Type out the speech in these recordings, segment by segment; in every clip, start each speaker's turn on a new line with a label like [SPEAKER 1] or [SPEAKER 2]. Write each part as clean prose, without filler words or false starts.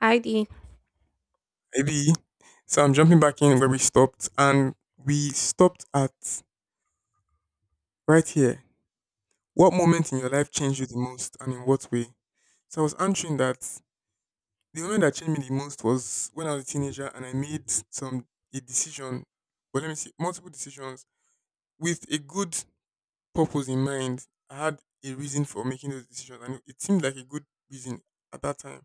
[SPEAKER 1] Heidi.
[SPEAKER 2] Maybe. So I'm jumping back in where we stopped, and we stopped at right here. What moment in your life changed you the most, and in what way? So I was answering that the moment that changed me the most was when I was a teenager and I made some a decision. Well, let me see, multiple decisions with a good purpose in mind. I had a reason for making those decisions, and it seemed like a good reason at that time.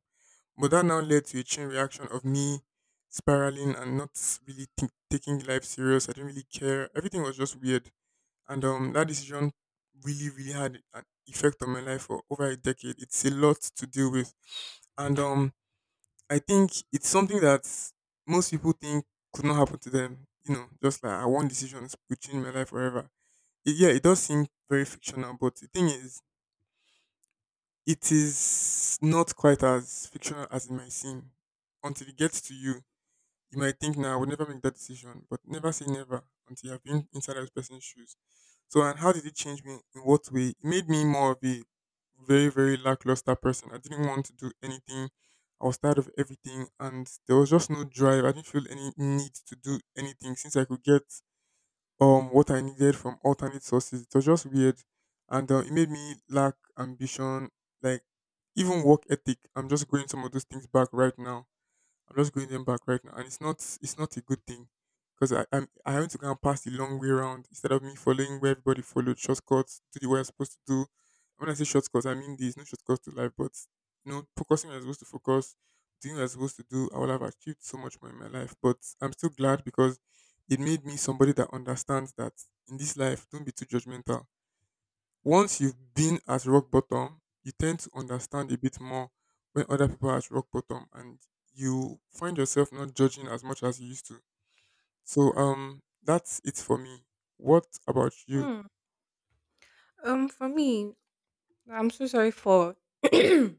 [SPEAKER 2] But that now led to a chain reaction of me spiraling and not really think taking life serious. I didn't really care. Everything was just weird. And that decision really, really had an effect on my life for over a decade. It's a lot to deal with. And I think it's something that most people think could not happen to them. You know, just like I one decision will change my life forever. Yeah, it does seem very fictional, but the thing is, it is not quite as fictional as it might seem until it gets to you. You might think now I would never make that decision, but never say never until you've been inside that person's shoes. So, and how did it change me? In what way? It made me more of a very, very lackluster person. I didn't want to do anything. I was tired of everything, and there was just no drive. I didn't feel any need to do anything since I could get what I needed from alternate sources. It was just weird. And it made me lack ambition, like even work ethic. I'm just going some of those things back right now. I'm just going them back right now, and it's not a good thing because I I'm, I having to go and pass the long way around instead of me following where everybody followed shortcuts, do the way I'm supposed to do. When I say shortcuts, I mean there's no shortcuts to life, but focusing where I'm supposed to focus, doing what I'm supposed to do, I would have achieved so much more in my life. But I'm still glad because it made me somebody that understands that in this life, don't be too judgmental. Once you've been at rock bottom, you tend to understand a bit more when other people are at rock bottom, and you find yourself not judging as much as you used to. So that's it for me. What about you?
[SPEAKER 1] Hmm. For me, I'm so sorry for. okay,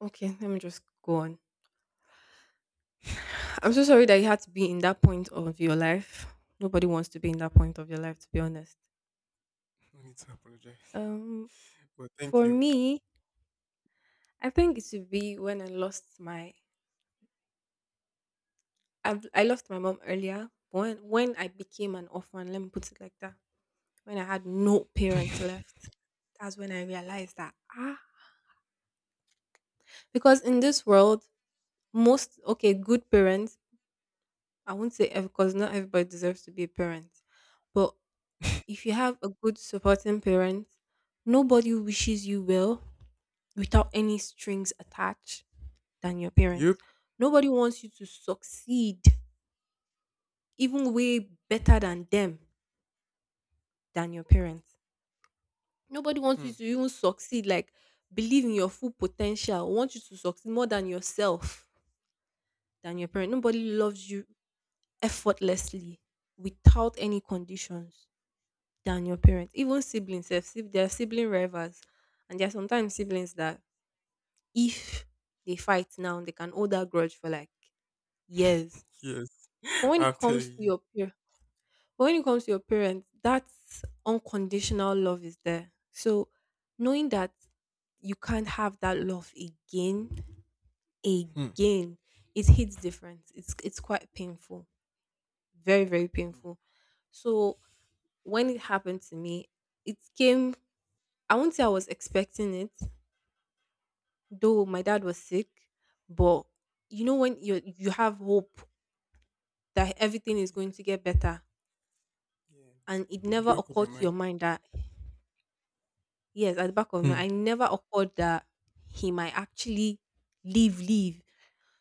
[SPEAKER 1] let me just go on. I'm
[SPEAKER 2] Thank you.
[SPEAKER 1] so sorry that you had to be in that point of your life. Nobody wants to be in that point of your life, to be honest.
[SPEAKER 2] No need to apologize.
[SPEAKER 1] Um,
[SPEAKER 2] But thank
[SPEAKER 1] for
[SPEAKER 2] you.
[SPEAKER 1] me, I think it should be when I lost my. I lost my mom earlier. But when I became an orphan, let me put it like that. When I had no parents left, that's when I realized that because in this world, most okay good parents I won't say ev because not everybody deserves to be a parent. But if you have a good supporting parent, nobody wishes you well without any strings attached than your parents.
[SPEAKER 2] Yep.
[SPEAKER 1] Nobody wants you to succeed even way better than them than your parents. Nobody wants
[SPEAKER 2] Hmm.
[SPEAKER 1] you to even succeed, like believe in your full potential, want you to succeed more than yourself than your parent. Nobody loves you effortlessly without any conditions. Than your parents. Even siblings, there are sibling rivals. And there are sometimes siblings that if they fight now, they can hold that grudge for like years.
[SPEAKER 2] Yes.
[SPEAKER 1] But when it
[SPEAKER 2] I'm
[SPEAKER 1] comes
[SPEAKER 2] telling
[SPEAKER 1] to
[SPEAKER 2] you.
[SPEAKER 1] your peer, but when it comes to your parents, that unconditional love is there. So knowing that you can't have that love again,
[SPEAKER 2] Hmm.
[SPEAKER 1] again, it hits different. It's quite painful. Very, very painful. So when it happened to me, it came I won't say I was expecting it. Though my dad was sick, but you know when you have hope that everything is going to get better,
[SPEAKER 2] Yeah.
[SPEAKER 1] and it
[SPEAKER 2] At
[SPEAKER 1] never
[SPEAKER 2] the back of your
[SPEAKER 1] occurred to your
[SPEAKER 2] mind.
[SPEAKER 1] mind that yes, at the back of me,
[SPEAKER 2] Hmm.
[SPEAKER 1] I never occurred that he might actually leave.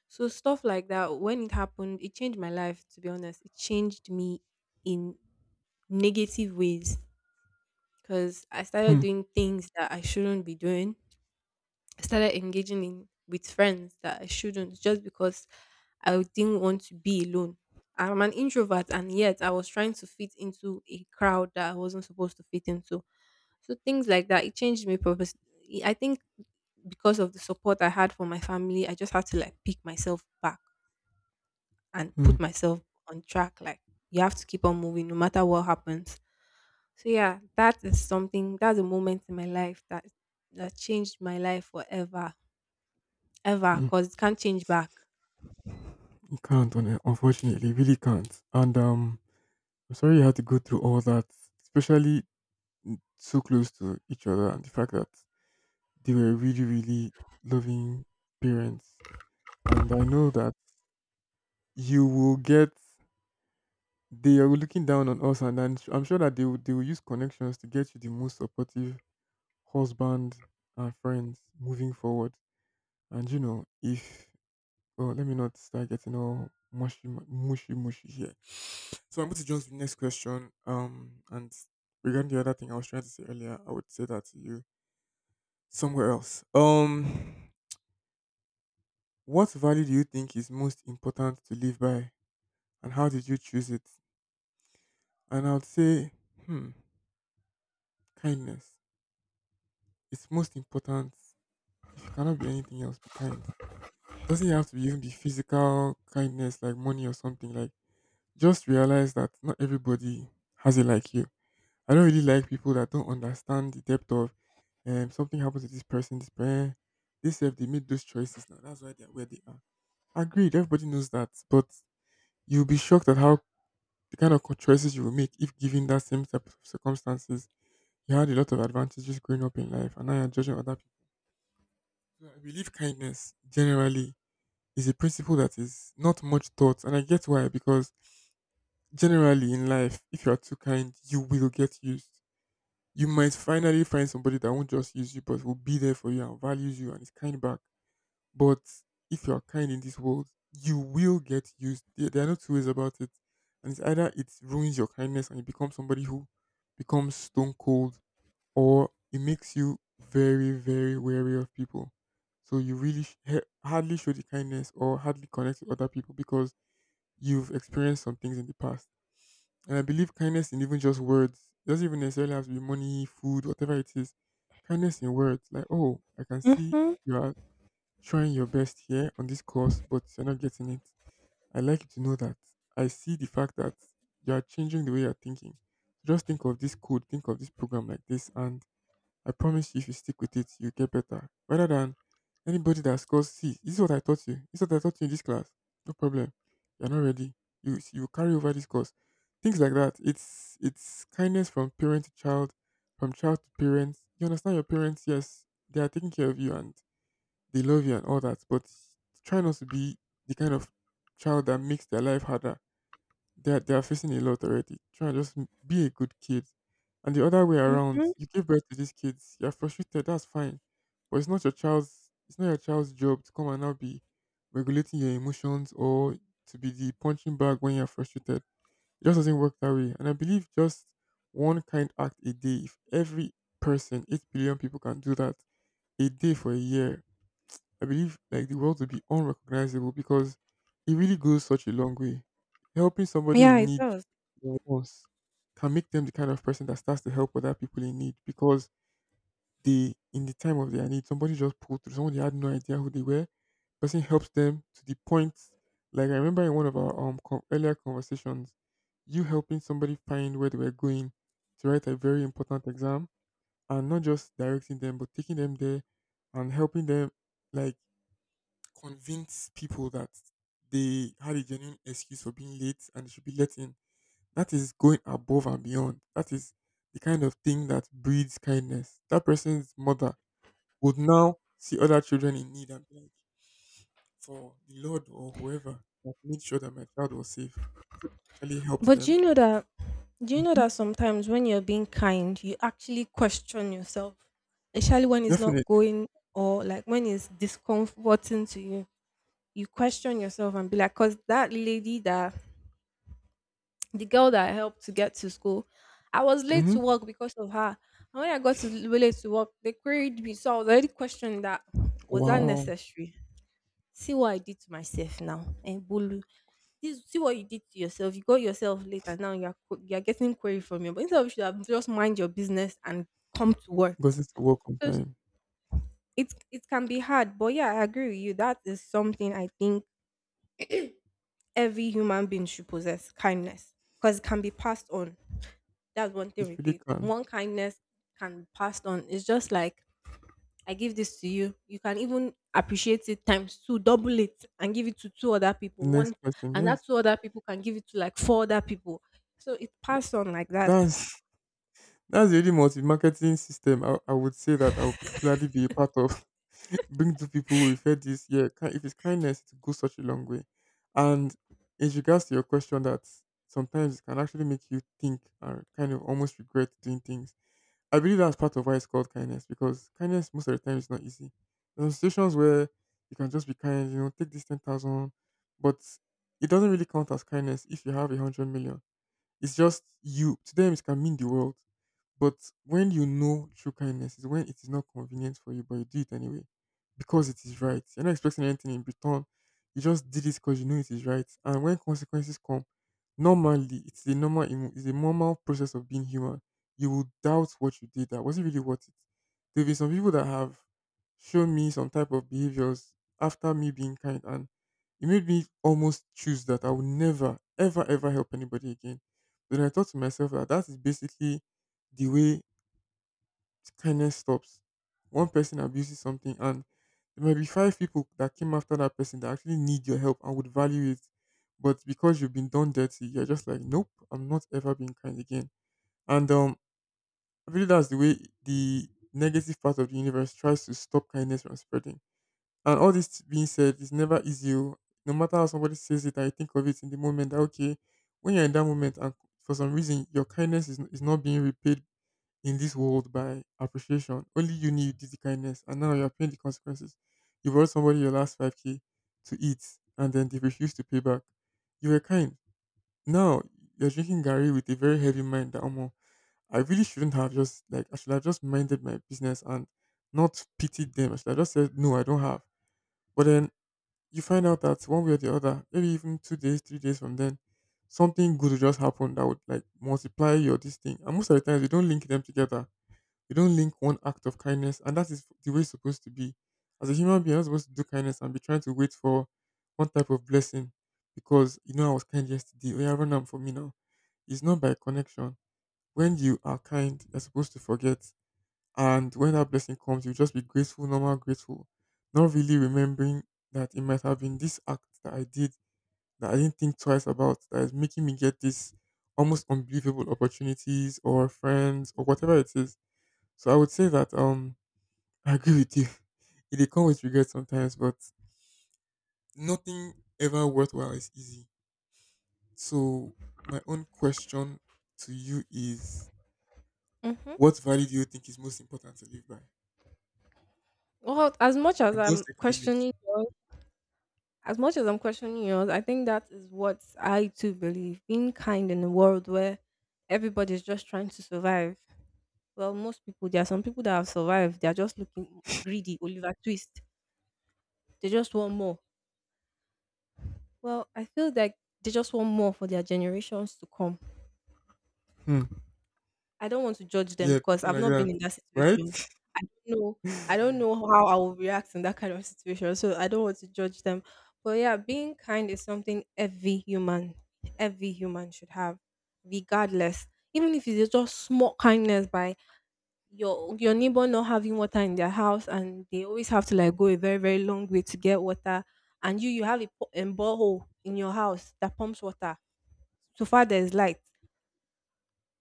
[SPEAKER 1] So stuff like that, when it happened, it changed my life. To be honest, it changed me in negative ways because I started
[SPEAKER 2] Hmm.
[SPEAKER 1] doing things that I shouldn't be doing I started engaging in with friends that I shouldn't just because I didn't want to be alone. I'm an introvert and yet I was trying to fit into a crowd that I wasn't supposed to fit into. So things like that, it changed me purpose. I think because of the support I had from my family, I just had to like pick myself back and
[SPEAKER 2] Hmm.
[SPEAKER 1] put myself on track. Like you have to keep on moving no matter what happens. So yeah, that is something that's a moment in my life that changed my life forever. Ever,
[SPEAKER 2] Hmm.
[SPEAKER 1] cause it can't change back.
[SPEAKER 2] You can't, on it, unfortunately, really can't. And I'm sorry you had to go through all that, especially so close to each other, and the fact that they were really, really loving parents. And I know that you will get, they are looking down on us, and I'm sure that they will use connections to get you the most supportive husband and friends moving forward. And if, well, let me not start getting all mushy, mushy, mushy here. So I'm going to jump to the next question. And regarding the other thing I was trying to say earlier, I would say that to you somewhere else. What value do you think is most important to live by, and how did you choose it? And I would say, hmm, kindness. It's most important. If you cannot be anything else, be kind. Doesn't have to even be physical kindness like money or something. Like, just realize that not everybody has it like you. I don't really like people that don't understand the depth of something happened to this person, this person. They said they made those choices now. That's why they're where they are. Agreed, everybody knows that. But you'll be shocked at how the kind of choices you will make if given that same type of circumstances. You had a lot of advantages growing up in life, and now you're judging other people. So I believe kindness generally is a principle that is not much taught, and I get why, because generally in life, if you are too kind, you will get used. You might finally find somebody that won't just use you, but will be there for you and values you and is kind back. But if you are kind in this world, you will get used. There are no two ways about it. And it's either it ruins your kindness and you become somebody who becomes stone cold, or it makes you very, very wary of people. So you really hardly show the kindness or hardly connect with other people because you've experienced some things in the past. And I believe kindness, in even just words, it doesn't even necessarily have to be money, food, whatever it is. Kindness in words, like, oh, I can see
[SPEAKER 1] Mhm,
[SPEAKER 2] you are trying your best here on this course, but you're not getting it. I like you to know that. I see the fact that you are changing the way you're thinking. So just think of this code, think of this program like this, and I promise you, if you stick with it, you get better. Rather than anybody that scores C, this is what I taught you. This is what I taught you in this class. No problem. You're not ready. You carry over this course. Things like that. It's kindness from parent to child, from child to parents. You understand your parents, yes, they are taking care of you and they love you and all that, but try not to be the kind of child that makes their life harder. They are facing a lot already. Try and just be a good kid. And the other way around,
[SPEAKER 1] mhm.
[SPEAKER 2] you give birth to these kids, you're frustrated, that's fine. But it's not your child's job to come and now be regulating your emotions or to be the punching bag when you're frustrated. It just doesn't work that way. And I believe just one kind act a day, if every person, 8 billion people can do that, a day for a year, I believe like the world will be unrecognizable because it really goes such a long way. Helping somebody
[SPEAKER 1] Yeah,
[SPEAKER 2] in
[SPEAKER 1] it
[SPEAKER 2] need
[SPEAKER 1] does.
[SPEAKER 2] once can make them the kind of person that starts to help other people in need because they, in the time of their need, somebody just pulled through. Somebody had no idea who they were. Person helps them to the point. Like, I remember in one of our con earlier conversations, you helping somebody find where they were going to write a very important exam, and not just directing them, but taking them there and helping them, like, convince people that they had a genuine excuse for being late and they should be let in. That is going above and beyond. That is the kind of thing that breeds kindness. That person's mother would now see other children in need and be like, for the Lord or whoever that made sure that my child was safe, actually helps
[SPEAKER 1] But do
[SPEAKER 2] them.
[SPEAKER 1] you know that do you know
[SPEAKER 2] Mhm.
[SPEAKER 1] that sometimes when you're being kind, you actually question yourself, especially when it's not
[SPEAKER 2] Definitely.
[SPEAKER 1] going or like when it's discomforting to you. You question yourself and be like, because that lady that the girl that I helped to get to school, I was late to
[SPEAKER 2] Hmm.
[SPEAKER 1] work because of her. And when I got to late to work, they queried me. So I was already questioning that was that
[SPEAKER 2] Wow.
[SPEAKER 1] necessary? See what I did to myself now. And this see what you did to yourself. You got yourself late, and now you're getting query from you. But instead of you should have just mind your business and come to work.
[SPEAKER 2] Because it's a welcome
[SPEAKER 1] Just
[SPEAKER 2] time.
[SPEAKER 1] it it can be hard, but yeah, I agree with you. That is something I think every human being should possess kindness because it can be passed on. That's one thing
[SPEAKER 2] It
[SPEAKER 1] with
[SPEAKER 2] really
[SPEAKER 1] it.
[SPEAKER 2] can.
[SPEAKER 1] One kindness can be passed on. It's just like I give this to you. You can even appreciate it times two, double it, and give it to two other people.
[SPEAKER 2] The next
[SPEAKER 1] One,
[SPEAKER 2] person,
[SPEAKER 1] and that
[SPEAKER 2] yes.
[SPEAKER 1] two other people can give it to like four other people. So it passed on like that.
[SPEAKER 2] That's That's the only multi-marketing system I would say that I'll gladly be a part of. Bring two people who refer this. Yeah, if it's kindness, it goes such a long way. And in regards to your question, that sometimes it can actually make you think or kind of almost regret doing things. I believe that's part of why it's called kindness, because kindness most of the time is not easy. There are situations where you can just be kind, take this 10,000, but it doesn't really count as kindness if you have 100 million. It's just you. To them, it can mean the world, but when you know true kindness is when it is not convenient for you, but you do it anyway because it is right. You're not expecting anything in return. You just did it because you know it is right. And when consequences come, normally it's the normal process of being human. You will doubt what you did. That, was it really worth it? There have been some people that have shown me some type of behaviors after me being kind, and it made me almost choose that I will never, ever, ever help anybody again. But then I thought to myself that that is basically the way kindness stops. One person abuses something, and there might be five people that came after that person that actually need your help and would value it. But because you've been done dirty, you're just like, nope, I'm not ever being kind again. And I believe that's the way the negative part of the universe tries to stop kindness from spreading. And all this being said, it's never easy. Oh. No matter how somebody says it, I think of it in the moment that, okay, when you're in that moment and for some reason your kindness is not being repaid in this world by appreciation. Only you knew you did the kindness, and now you're paying the consequences. You brought somebody your last 5K to eat, and then they refused to pay back. You were kind. Now you're drinking Gary with a very heavy mind that, Omo, I really shouldn't have just, like, I should have just minded my business and not pitied them. I should have just said, no, I don't have. But then you find out that one way or the other, maybe even 2 days, 3 days from then, something good will just happen that would like multiply your this thing. And most of the times, we don't link them together. You don't link one act of kindness, and that is the way it's supposed to be. As a human being, you're not supposed to do kindness and be trying to wait for one type of blessing because I was kind yesterday. Oh, yeah, run am for me now. It's not by connection. When you are kind, you're supposed to forget, and when that blessing comes, you just be grateful, normal grateful, not really remembering that it might have been this act that I did that I didn't think twice about that is making me get this almost unbelievable opportunities or friends or whatever it is. So I would say that I agree with you. It dey come with regret sometimes, but nothing ever worthwhile is easy. So my own question to you is
[SPEAKER 1] Mm-hmm.
[SPEAKER 2] what value do you think is most important to live by?
[SPEAKER 1] Well, as much as
[SPEAKER 2] And those
[SPEAKER 1] I'm
[SPEAKER 2] secrets.
[SPEAKER 1] questioning yours, as much as I'm questioning yours, I think that is what I too believe. Being kind in a world where everybody's just trying to survive. Well, most people, there are some people that have survived. They are just looking greedy, Oliver Twist. They just want more. Well, I feel like they just want more for their generations to come.
[SPEAKER 2] Hmm.
[SPEAKER 1] I don't want to judge them
[SPEAKER 2] Yeah,
[SPEAKER 1] because
[SPEAKER 2] people
[SPEAKER 1] I've
[SPEAKER 2] like
[SPEAKER 1] not been
[SPEAKER 2] that.
[SPEAKER 1] in that
[SPEAKER 2] Right?
[SPEAKER 1] situation. I don't know. I don't know how I will react in that kind of situation. So I don't want to judge them. But yeah, being kind is something every human should have, regardless. Even if it's just small kindness by your neighbor not having water in their house and they always have to like go a very, very long way to get water. And you have a, a borehole in your house that pumps water so far there's light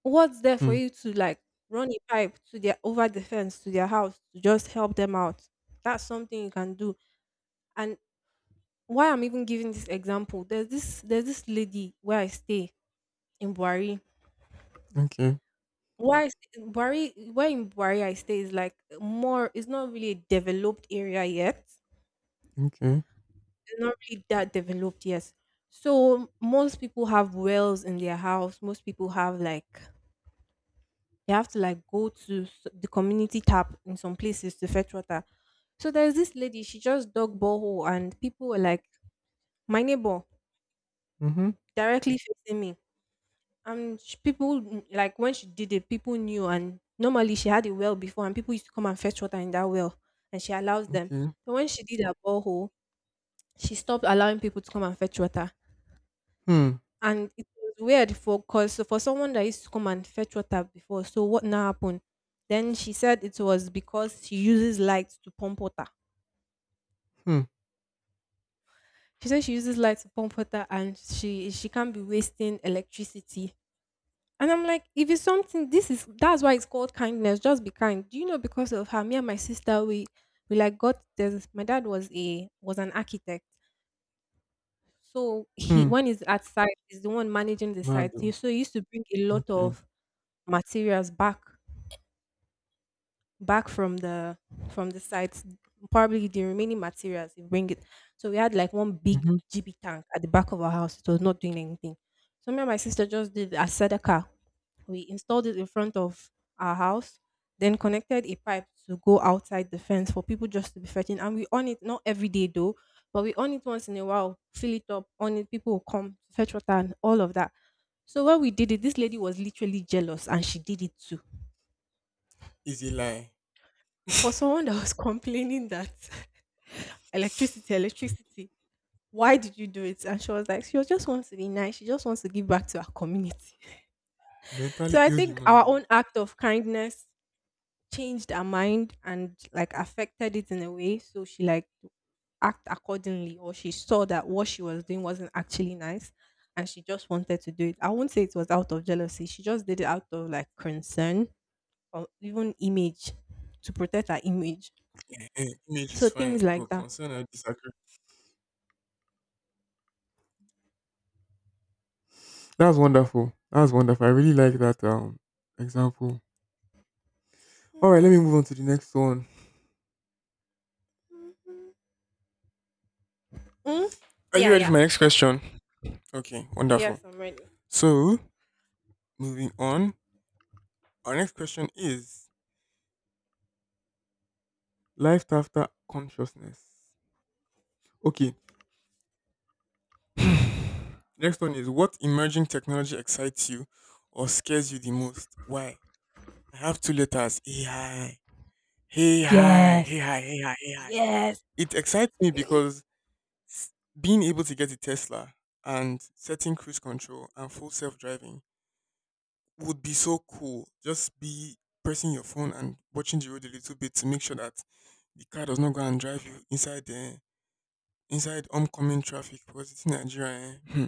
[SPEAKER 1] what's there for
[SPEAKER 2] hmm.
[SPEAKER 1] you to like run a pipe to their over the fence to their house to just help them out. That's something you can do. And why I'm even giving this example, there's this lady where I stay in Buari.
[SPEAKER 2] Okay.
[SPEAKER 1] Buari where in Buari I stay is like more, it's not really a developed area yet,
[SPEAKER 2] Okay.
[SPEAKER 1] it's not really that developed yet. So most people have wells in their house, most people have like you have to like go to the community tap in some places to fetch water. So there's this lady, she just dug borehole, and people were like, my neighbor
[SPEAKER 2] Mm-hmm.
[SPEAKER 1] directly facing me. And people, like when she did it, people knew. And normally she had a well before, and people used to come and fetch water in that well, and she allows them.
[SPEAKER 2] Okay.
[SPEAKER 1] But when she did her borehole, she stopped allowing people to come and fetch water.
[SPEAKER 2] Hmm.
[SPEAKER 1] And it was weird for because for someone that used to come and fetch water before. So what now happened, then she said it was because she uses light to pump water.
[SPEAKER 2] Hmm.
[SPEAKER 1] She said she uses light to pump water and she can't be wasting electricity. And I'm like if it's something this is that's why it's called kindness, just be kind, do you know. Because of her, me and my sister, we like got this. My dad was a was an architect, so he
[SPEAKER 2] Hmm.
[SPEAKER 1] when he's at site he's the one managing the
[SPEAKER 2] Mad.
[SPEAKER 1] site
[SPEAKER 2] Oh.
[SPEAKER 1] so he used to bring a lot
[SPEAKER 2] Okay.
[SPEAKER 1] of materials back from the site, probably the remaining materials, you bring it. So we had like one big
[SPEAKER 2] Mm-hmm.
[SPEAKER 1] GB tank at the back of our house. It was not doing anything. So me and my sister just did a Sedaka. We installed it in front of our house, then connected a pipe to go outside the fence for people just to be fetching. And we on it not every day though, but we on it once in a while, fill it up, on it, people will come to fetch water and all of that. So when we did it, this lady was literally jealous and she did it too.
[SPEAKER 2] Easy lie.
[SPEAKER 1] For someone that was complaining that electricity, electricity. Why did you do it? And she was like, she was just wants to be nice. She just wants to give back to her community. So
[SPEAKER 2] Mentally
[SPEAKER 1] I
[SPEAKER 2] ill
[SPEAKER 1] think
[SPEAKER 2] human
[SPEAKER 1] our
[SPEAKER 2] being.
[SPEAKER 1] own act of kindness changed her mind and like affected it in a way. So she like act accordingly, or she saw that what she was doing wasn't actually nice, and she just wanted to do it. I won't say it was out of jealousy. She just did it out of like concern or even image to protect her image.
[SPEAKER 2] Ehen, image
[SPEAKER 1] So
[SPEAKER 2] is
[SPEAKER 1] things
[SPEAKER 2] fine, but
[SPEAKER 1] like that.
[SPEAKER 2] concern I disagree. That's wonderful. That's wonderful. I really like that example. All right, let me move on to the next one.
[SPEAKER 1] Mm,
[SPEAKER 2] Are you
[SPEAKER 1] yeah,
[SPEAKER 2] ready
[SPEAKER 1] yeah.
[SPEAKER 2] for my next question? Okay, wonderful.
[SPEAKER 1] Yes, I'm ready.
[SPEAKER 2] So moving on, our next question is life after consciousness. Okay. Next one is, what emerging technology excites you or scares you the most? Why? I have two letters. AI. Hey hi.
[SPEAKER 1] Yes.
[SPEAKER 2] Hey hi. Hey hi. Hey hi.
[SPEAKER 1] Yes.
[SPEAKER 2] It excites me because s- being able to get a Tesla and setting cruise control and full self driving would be so cool. Just be pressing your phone and watching the road a little bit to make sure that the car does not go and drive you inside the inside oncoming traffic because it's in Nigeria. Eh? Hmm,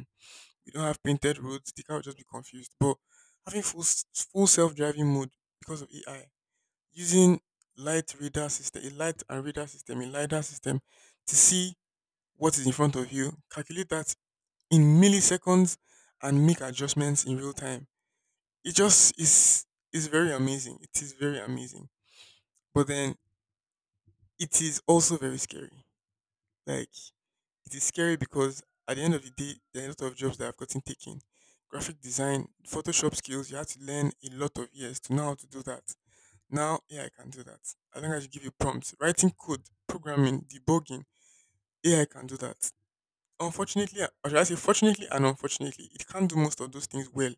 [SPEAKER 2] We don't have painted roads. The car will just be confused. But having full self driving mode because of AI, using light radar system, a light and radar system, a lidar system to see what is in front of you, calculate that in milliseconds, and make adjustments in real time. It just is very amazing. It is very amazing. But then it is also very scary. Like, it is scary because at the end of the day, there are a lot of jobs that have gotten taken. Graphic design, Photoshop skills, you have to learn a lot of years to know how to do that. Now AI can do that. I think I should give you prompts. Writing code, programming, debugging, AI can do that. Unfortunately, or should I say, fortunately and unfortunately, it can't do most of those things well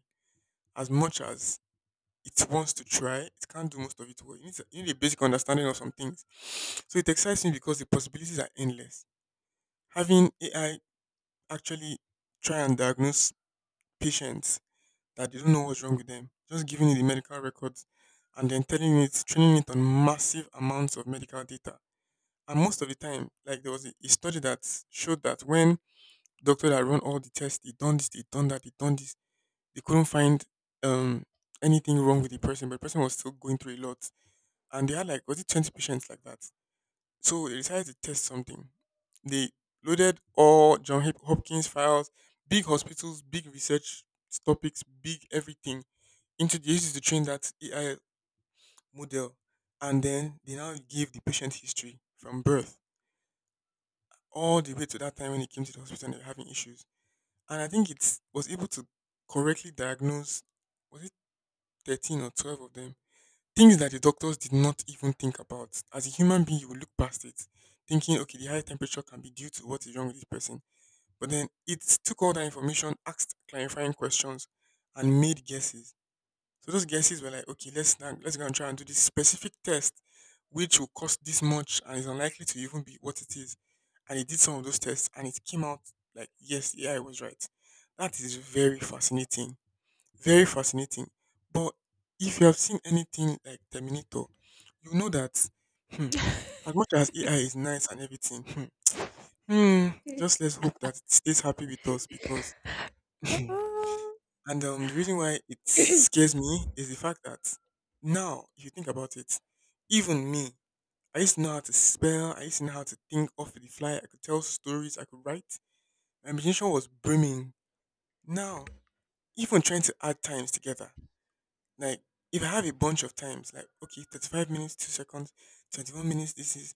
[SPEAKER 2] as much as it wants to try. It can't do most of it well. You need a basic understanding of some things. So it excites me because the possibilities are endless. Having AI actually try and diagnose patients that they don't know what's wrong with them, just giving it the medical records and then telling it, training it on massive amounts of medical data. And most of the time, like there was a study that showed that when doctor that run all the tests, they done this, they done that, they done this. They couldn't find um anything wrong with the person, but the person was still going through a lot. And they had, like, was it 20 patients like that? So they decided to test something. They loaded all Hopkins files, big hospitals, big research topics, big everything into the uses to train that AI model. And then they now give the patient history from birth all the way to that time when he came to the hospital and they were having issues, and I think it was able to correctly diagnose, was it 13 or 12 of them, things that the doctors did not even think about. As a human being, you will look past it, thinking, okay, the high temperature can be due to what is wrong with this person. But then it took all that information, asked clarifying questions, and made guesses. So those guesses were like, okay, let's go and try and do this specific test, which will cost this much and is unlikely to even be what it is. And he did some of those tests, and it came out like, yes, the AI was right. That is very fascinating, very fascinating. But if you have seen anything like Terminator, you know that, hmm, as much as AI is nice and everything, hmm, hmm, just let's hope that it stays happy with us because
[SPEAKER 1] Ah,
[SPEAKER 2] And the reason why it scares me is the fact that now, if you think about it, even me, I used to know how to spell, I used to know how to think off the fly, I could tell stories, I could write. My imagination was brimming. Now, even trying to add times together, like if I have a bunch of times, like, okay, 35 minutes, 2 seconds, 21 minutes, this is,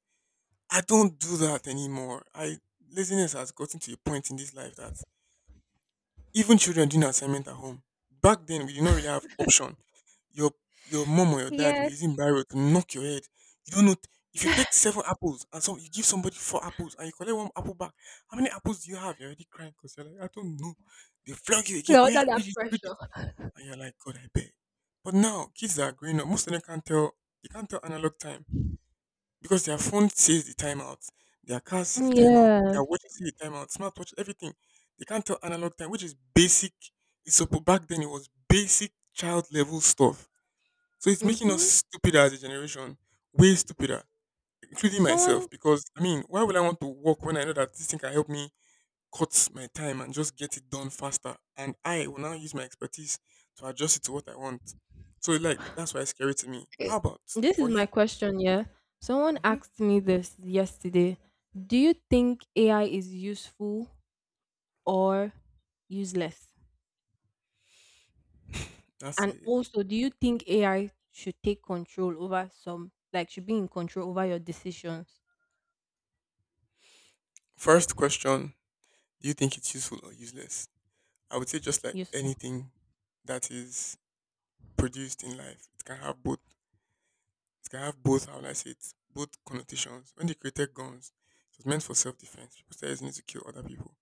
[SPEAKER 2] I don't do that anymore. I— laziness has gotten to a point in this life that even children doing assignment at home. Back then we did not really have option. Your your mom or your dad will be
[SPEAKER 1] yes.
[SPEAKER 2] using barrel to knock your head. You don't know t- if you take seven apples and so you give somebody four apples and you collect one apple back, how many apples do you have? You're already crying because you're like, I don't know. They flog you
[SPEAKER 1] We
[SPEAKER 2] again.
[SPEAKER 1] are
[SPEAKER 2] Oh yeah,
[SPEAKER 1] under that
[SPEAKER 2] read it, read it.
[SPEAKER 1] pressure.
[SPEAKER 2] And you're like, God, I beg. But now kids that are growing up, most of them can't tell they can't tell analog time. Because their phone says the timeout, their car see
[SPEAKER 1] Mm,
[SPEAKER 2] the timeout, their
[SPEAKER 1] yes.
[SPEAKER 2] watches see the timeout, smartwatch, everything. They can't tell analog time, which is basic. Back then it was basic child level stuff. So it's making us
[SPEAKER 1] Mm-hmm.
[SPEAKER 2] stupider as a generation, way stupider, including myself.
[SPEAKER 1] Someone,
[SPEAKER 2] Because I mean, why would I want to work when I know that this thing can help me cut my time and just get it done faster? And I will now use my expertise to adjust it to what I want. So like that's why it's scary to me. How about
[SPEAKER 1] this is
[SPEAKER 2] for you?
[SPEAKER 1] my question, yeah. Someone
[SPEAKER 2] Hmm
[SPEAKER 1] asked me this yesterday. Do you think AI is useful or useless?
[SPEAKER 2] That's
[SPEAKER 1] And
[SPEAKER 2] it.
[SPEAKER 1] also, do you think AI should take control over some, like, should be in control over your decisions?
[SPEAKER 2] First question, do you think it's useful or useless? I would say just like
[SPEAKER 1] Useful.
[SPEAKER 2] anything that is produced in life, it can have both. It can have both, how will I say it, both connotations. When they created guns, it was meant for self defense. People started using it to kill other people.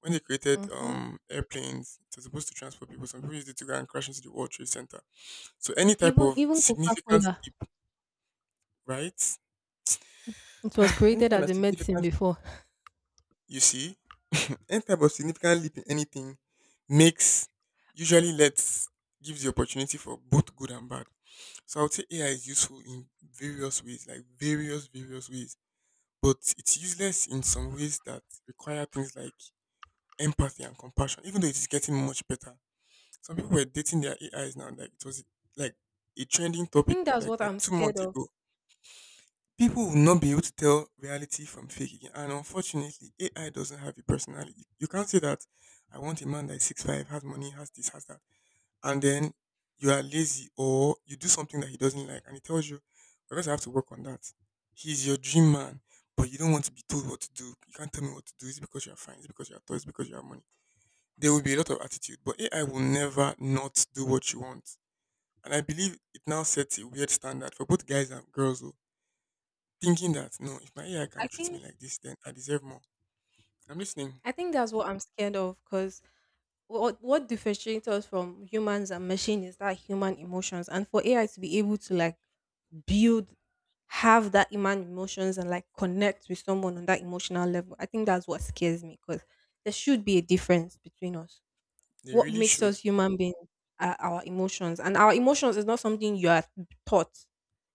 [SPEAKER 2] When they created
[SPEAKER 1] Mm-hmm.
[SPEAKER 2] airplanes, it was supposed to transport people. Some people used it to go and crash into the World Trade Center. So any type
[SPEAKER 1] Even
[SPEAKER 2] of
[SPEAKER 1] even Coca
[SPEAKER 2] significant
[SPEAKER 1] Cola,
[SPEAKER 2] leap, right?
[SPEAKER 1] it was
[SPEAKER 2] Any
[SPEAKER 1] created
[SPEAKER 2] kind
[SPEAKER 1] as
[SPEAKER 2] of
[SPEAKER 1] a medicine
[SPEAKER 2] significant—
[SPEAKER 1] before.
[SPEAKER 2] you see, any type of significant leap in anything makes usually lets gives the opportunity for both good and bad. So I would say AI is useful in various ways, like various ways, but it's useless in some ways that require things like empathy and compassion. Even though it is getting much better, some people were dating their AIs now, like it was like a trending
[SPEAKER 1] I
[SPEAKER 2] topic
[SPEAKER 1] think
[SPEAKER 2] in
[SPEAKER 1] that's
[SPEAKER 2] like
[SPEAKER 1] what
[SPEAKER 2] like
[SPEAKER 1] I'm
[SPEAKER 2] two
[SPEAKER 1] scared
[SPEAKER 2] months
[SPEAKER 1] of.
[SPEAKER 2] ago. People will not be able to tell reality from fake again. And unfortunately, AI doesn't have a personality. You can't say that I want a man that is 6'5", has money, has this, has that. And then you are lazy or you do something that he doesn't like and he tells you, because I have to work on that. He's your dream man, but you don't want to be told what to do. You can't tell me what to do. It's because you are fine, it's because you are tall, it's because you have money. There will be a lot of attitude, but AI will never not do what you want. And I believe it now sets a weird standard for both guys and girls. Oh Thinking that no, if my AI
[SPEAKER 1] I
[SPEAKER 2] can treat me
[SPEAKER 1] think
[SPEAKER 2] like this, then I deserve more. I'm listening.
[SPEAKER 1] I think that's what I'm scared of because what differentiates us from humans and machines is that human emotions. And for AI to be able to like build, have that human emotions and like connect with someone on that emotional level, I think that's what scares me because there should be a difference between us.
[SPEAKER 2] They
[SPEAKER 1] What
[SPEAKER 2] really
[SPEAKER 1] makes us
[SPEAKER 2] should.
[SPEAKER 1] human beings are our emotions, and our emotions is not something you are taught.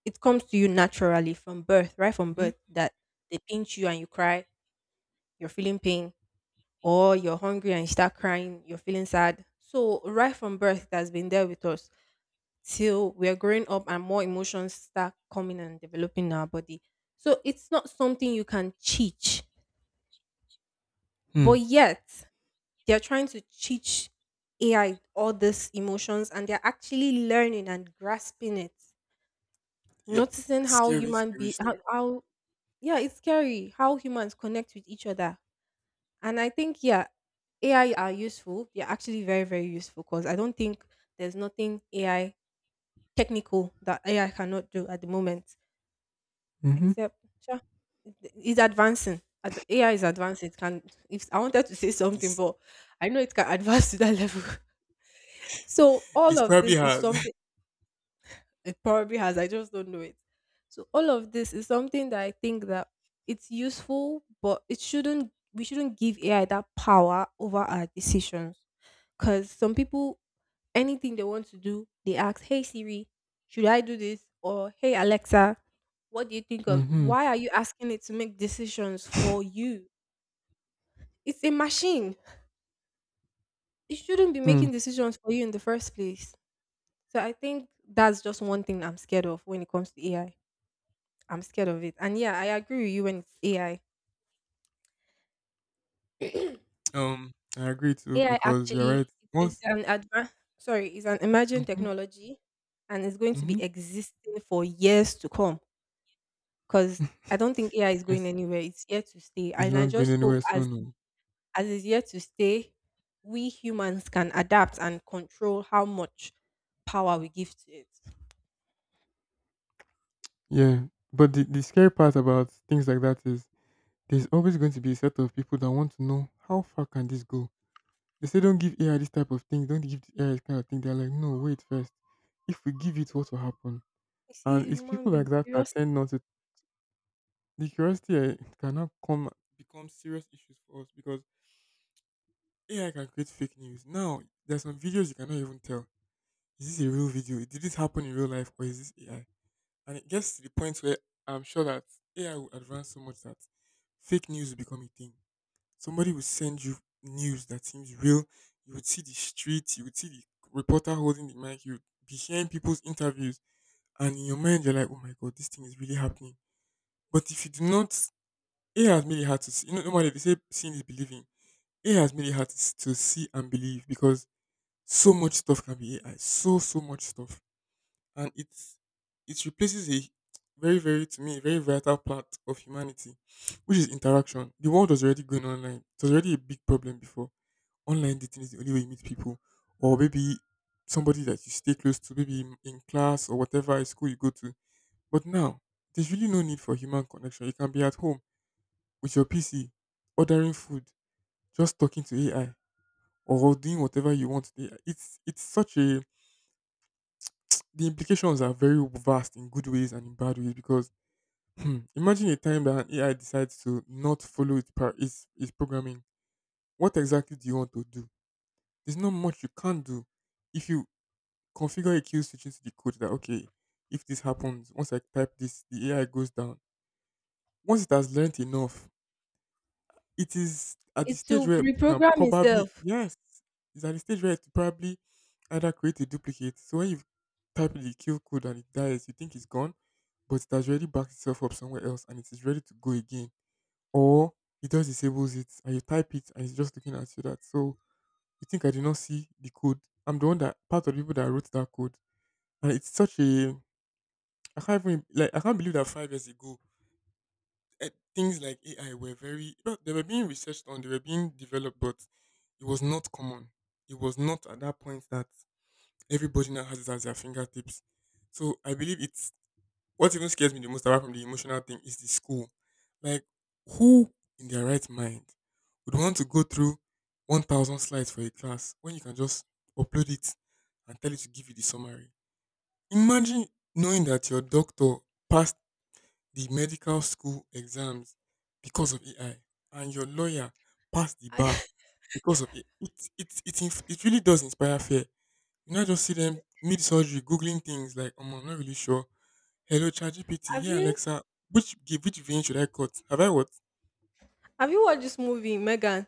[SPEAKER 1] It comes to you naturally from birth, right from
[SPEAKER 2] Hmm.
[SPEAKER 1] birth. That they pinch you and you cry, you're feeling pain, or you're hungry and you start crying, you're feeling sad. So right from birth, it has been there with us till we're growing up and more emotions start coming and developing in our body. So it's not something you can teach,
[SPEAKER 2] Mm.
[SPEAKER 1] but yet they're trying to teach AI all these emotions and they're actually learning and grasping it.
[SPEAKER 2] Yep.
[SPEAKER 1] Noticing how
[SPEAKER 2] Scary,
[SPEAKER 1] human
[SPEAKER 2] scary stuff.
[SPEAKER 1] how yeah, it's scary how humans connect with each other. And I think yeah, AI are useful. They're actually very, very useful because I don't think there's nothing AI technical that AI cannot do at the moment.
[SPEAKER 2] Mm-hmm.
[SPEAKER 1] Except sure, it's advancing. AI is advancing. It can if I wanted to say
[SPEAKER 2] At
[SPEAKER 1] something,
[SPEAKER 2] least
[SPEAKER 1] but I know it can advance to that level. So all
[SPEAKER 2] it
[SPEAKER 1] of
[SPEAKER 2] probably
[SPEAKER 1] this is
[SPEAKER 2] has.
[SPEAKER 1] something it probably has. I just don't know it. So all of this is something that I think that it's useful, but it shouldn't. We shouldn't give AI that power over our decisions. Because some people, anything they want to do, they ask, "Hey Siri, should I do this?" or "Hey Alexa, what do you think of?"
[SPEAKER 2] Mm-hmm.
[SPEAKER 1] Why are you asking it to make decisions for you? It's a machine. It shouldn't be
[SPEAKER 2] Mm.
[SPEAKER 1] making decisions for you in the first place. So I think that's just one thing I'm scared of when it comes to AI. I'm scared of it. And yeah, I agree with you when it's AI.
[SPEAKER 2] um, I agree too
[SPEAKER 1] AI
[SPEAKER 2] because you're
[SPEAKER 1] actually
[SPEAKER 2] right.
[SPEAKER 1] is
[SPEAKER 2] Once.
[SPEAKER 1] an advanced, sorry, is an emerging
[SPEAKER 2] Hmm.
[SPEAKER 1] technology and it's going to be
[SPEAKER 2] Hmm.
[SPEAKER 1] existing for years to come because I don't think AI is going
[SPEAKER 2] it's,
[SPEAKER 1] anywhere. It's here to stay.
[SPEAKER 2] it's
[SPEAKER 1] And I
[SPEAKER 2] not going
[SPEAKER 1] just hope
[SPEAKER 2] anywhere soon. Oh.
[SPEAKER 1] as it's here to stay, we humans can adapt and control how much power we give to it.
[SPEAKER 2] Yeah. But the scary part about things like that is there's always going to be a set of people that want to know, how far can this go? They say don't give AI this type of thing. Don't give the AI this kind of thing. They're like, no, wait first. If we give it, what will happen?
[SPEAKER 1] You see,
[SPEAKER 2] And it's
[SPEAKER 1] human
[SPEAKER 2] people like
[SPEAKER 1] beings,
[SPEAKER 2] that that
[SPEAKER 1] curiosity,
[SPEAKER 2] tend not to. The curiosity eh, cannot come become serious issues for us because AI can create fake news. Now there's some videos you cannot even tell. Is this a real video? Did this happen in real life or is this AI? And it gets to the point where I'm sure that AI will advance so much that fake news will become a thing. Somebody will send you news that seems real. You would see the streets, you would see the reporter holding the mic, you'd be hearing people's interviews, and in your mind you're like, oh my god, this thing is really happening. But if you do not, it has made it hard to see. You know, normally they say seeing is believing. It has made it hard to, to see and believe because so much stuff can be AI, so much stuff, and it's it replaces a very to me a very vital part of humanity, which is interaction. The world was already going online. It was already a big problem before. Online dating is the only way you meet people, or maybe somebody that you stay close to, maybe in class or whatever school you go to. But now, there's really no need for human connection. You can be at home with your PC, ordering food, just talking to AI, or doing whatever you want. It's such a the implications are very vast in good ways and in bad ways because imagine a time that an AI decides to not follow its, par- its programming. What exactly do you want to do? There's not much you can't do if you configure a kill switch into the code that okay, if this happens, once I type this, the AI goes down. Once it has learned enough, it is at the
[SPEAKER 1] it
[SPEAKER 2] stage
[SPEAKER 1] will
[SPEAKER 2] where it can
[SPEAKER 1] reprogram
[SPEAKER 2] probably
[SPEAKER 1] itself.
[SPEAKER 2] yes, it's at the stage where it probably either create a duplicate. So when you type the kill code and it dies, you think it's gone, but it has already backed itself up somewhere else and it is ready to go again. Or it just disables it and you type it and it's just looking at you that so you think I did not see the code. I'm the one that part of the people that wrote that code. And it's such a I can't even like I can't believe that 5 years ago eh, things like AI were very well, they were being researched on, they were being developed, but it was not common. It was not at that point that everybody now has it at their fingertips. So I believe it's what even scares me the most apart from the emotional thing is the school. Like who in their right mind would want to go through 1,000 slides for a class when you can just upload it and tell it to give you the summary? Imagine knowing that your doctor passed the medical school exams because of AI, and your lawyer passed the
[SPEAKER 1] I,
[SPEAKER 2] bar because of it. It really does inspire fear. You not just see them mid surgery googling things like, "Oh, I'm not really sure." Hello, ChatGPT.
[SPEAKER 1] have
[SPEAKER 2] Hey,
[SPEAKER 1] you
[SPEAKER 2] Alexa. Which vein should I cut? Have I what?
[SPEAKER 1] have you watched this movie, Megan?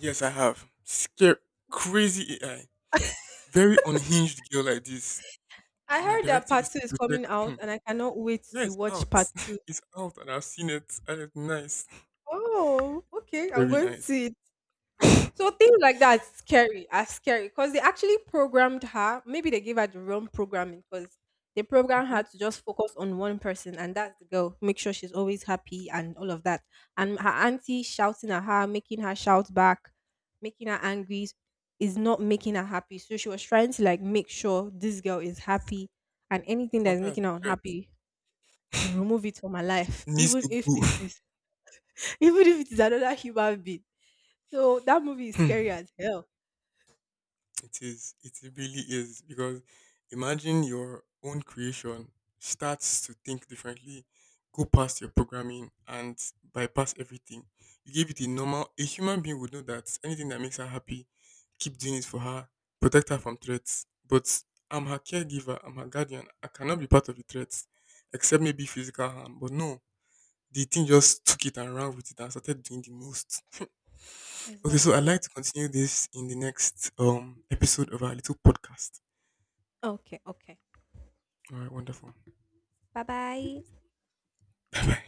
[SPEAKER 2] Yes, I have. Scare crazy AI. Very unhinged girl like this.
[SPEAKER 1] I
[SPEAKER 2] My
[SPEAKER 1] heard that
[SPEAKER 2] directive
[SPEAKER 1] part
[SPEAKER 2] is
[SPEAKER 1] two
[SPEAKER 2] to
[SPEAKER 1] is coming
[SPEAKER 2] protect. Hmm.
[SPEAKER 1] out, and I cannot wait
[SPEAKER 2] Yeah,
[SPEAKER 1] to
[SPEAKER 2] it's
[SPEAKER 1] watch
[SPEAKER 2] out.
[SPEAKER 1] part two.
[SPEAKER 2] It's out, and I've seen it. And it's nice.
[SPEAKER 1] Oh, okay. I'm
[SPEAKER 2] Very
[SPEAKER 1] going to
[SPEAKER 2] nice.
[SPEAKER 1] see it.
[SPEAKER 2] Mhm.
[SPEAKER 1] So things like that are scary because they actually programmed her. Maybe they gave her the wrong programming because they programmed her to just focus on one person, and that's the girl. Make sure she's always happy and all of that. And her auntie shouting at her, making her shout back, making her angry, is not making her happy. So she was trying to like make sure this girl is happy, and anything that's
[SPEAKER 2] Counted as a
[SPEAKER 1] making her
[SPEAKER 2] threat.
[SPEAKER 1] unhappy, remove it from her life,
[SPEAKER 2] Needs
[SPEAKER 1] even
[SPEAKER 2] to
[SPEAKER 1] if
[SPEAKER 2] go.
[SPEAKER 1] it is, even if it is another human being. So that movie is scary
[SPEAKER 2] Hmm,
[SPEAKER 1] as hell.
[SPEAKER 2] it is. It really is because imagine your own creation starts to think differently, go past your programming and bypass everything. You give it a normal. A human being would know that anything that makes her happy, keep doing it for her, protect her from threats. But I'm her caregiver. I'm her guardian. I cannot be part of the threats, except maybe physical harm. But no, the thing just took it and ran with it and started doing the most. Okay, so I'd
[SPEAKER 1] Exactly.
[SPEAKER 2] like to continue this in the next episode of our little podcast.
[SPEAKER 1] Okay, okay.
[SPEAKER 2] All right, wonderful.
[SPEAKER 1] Bye bye.
[SPEAKER 2] Bye bye.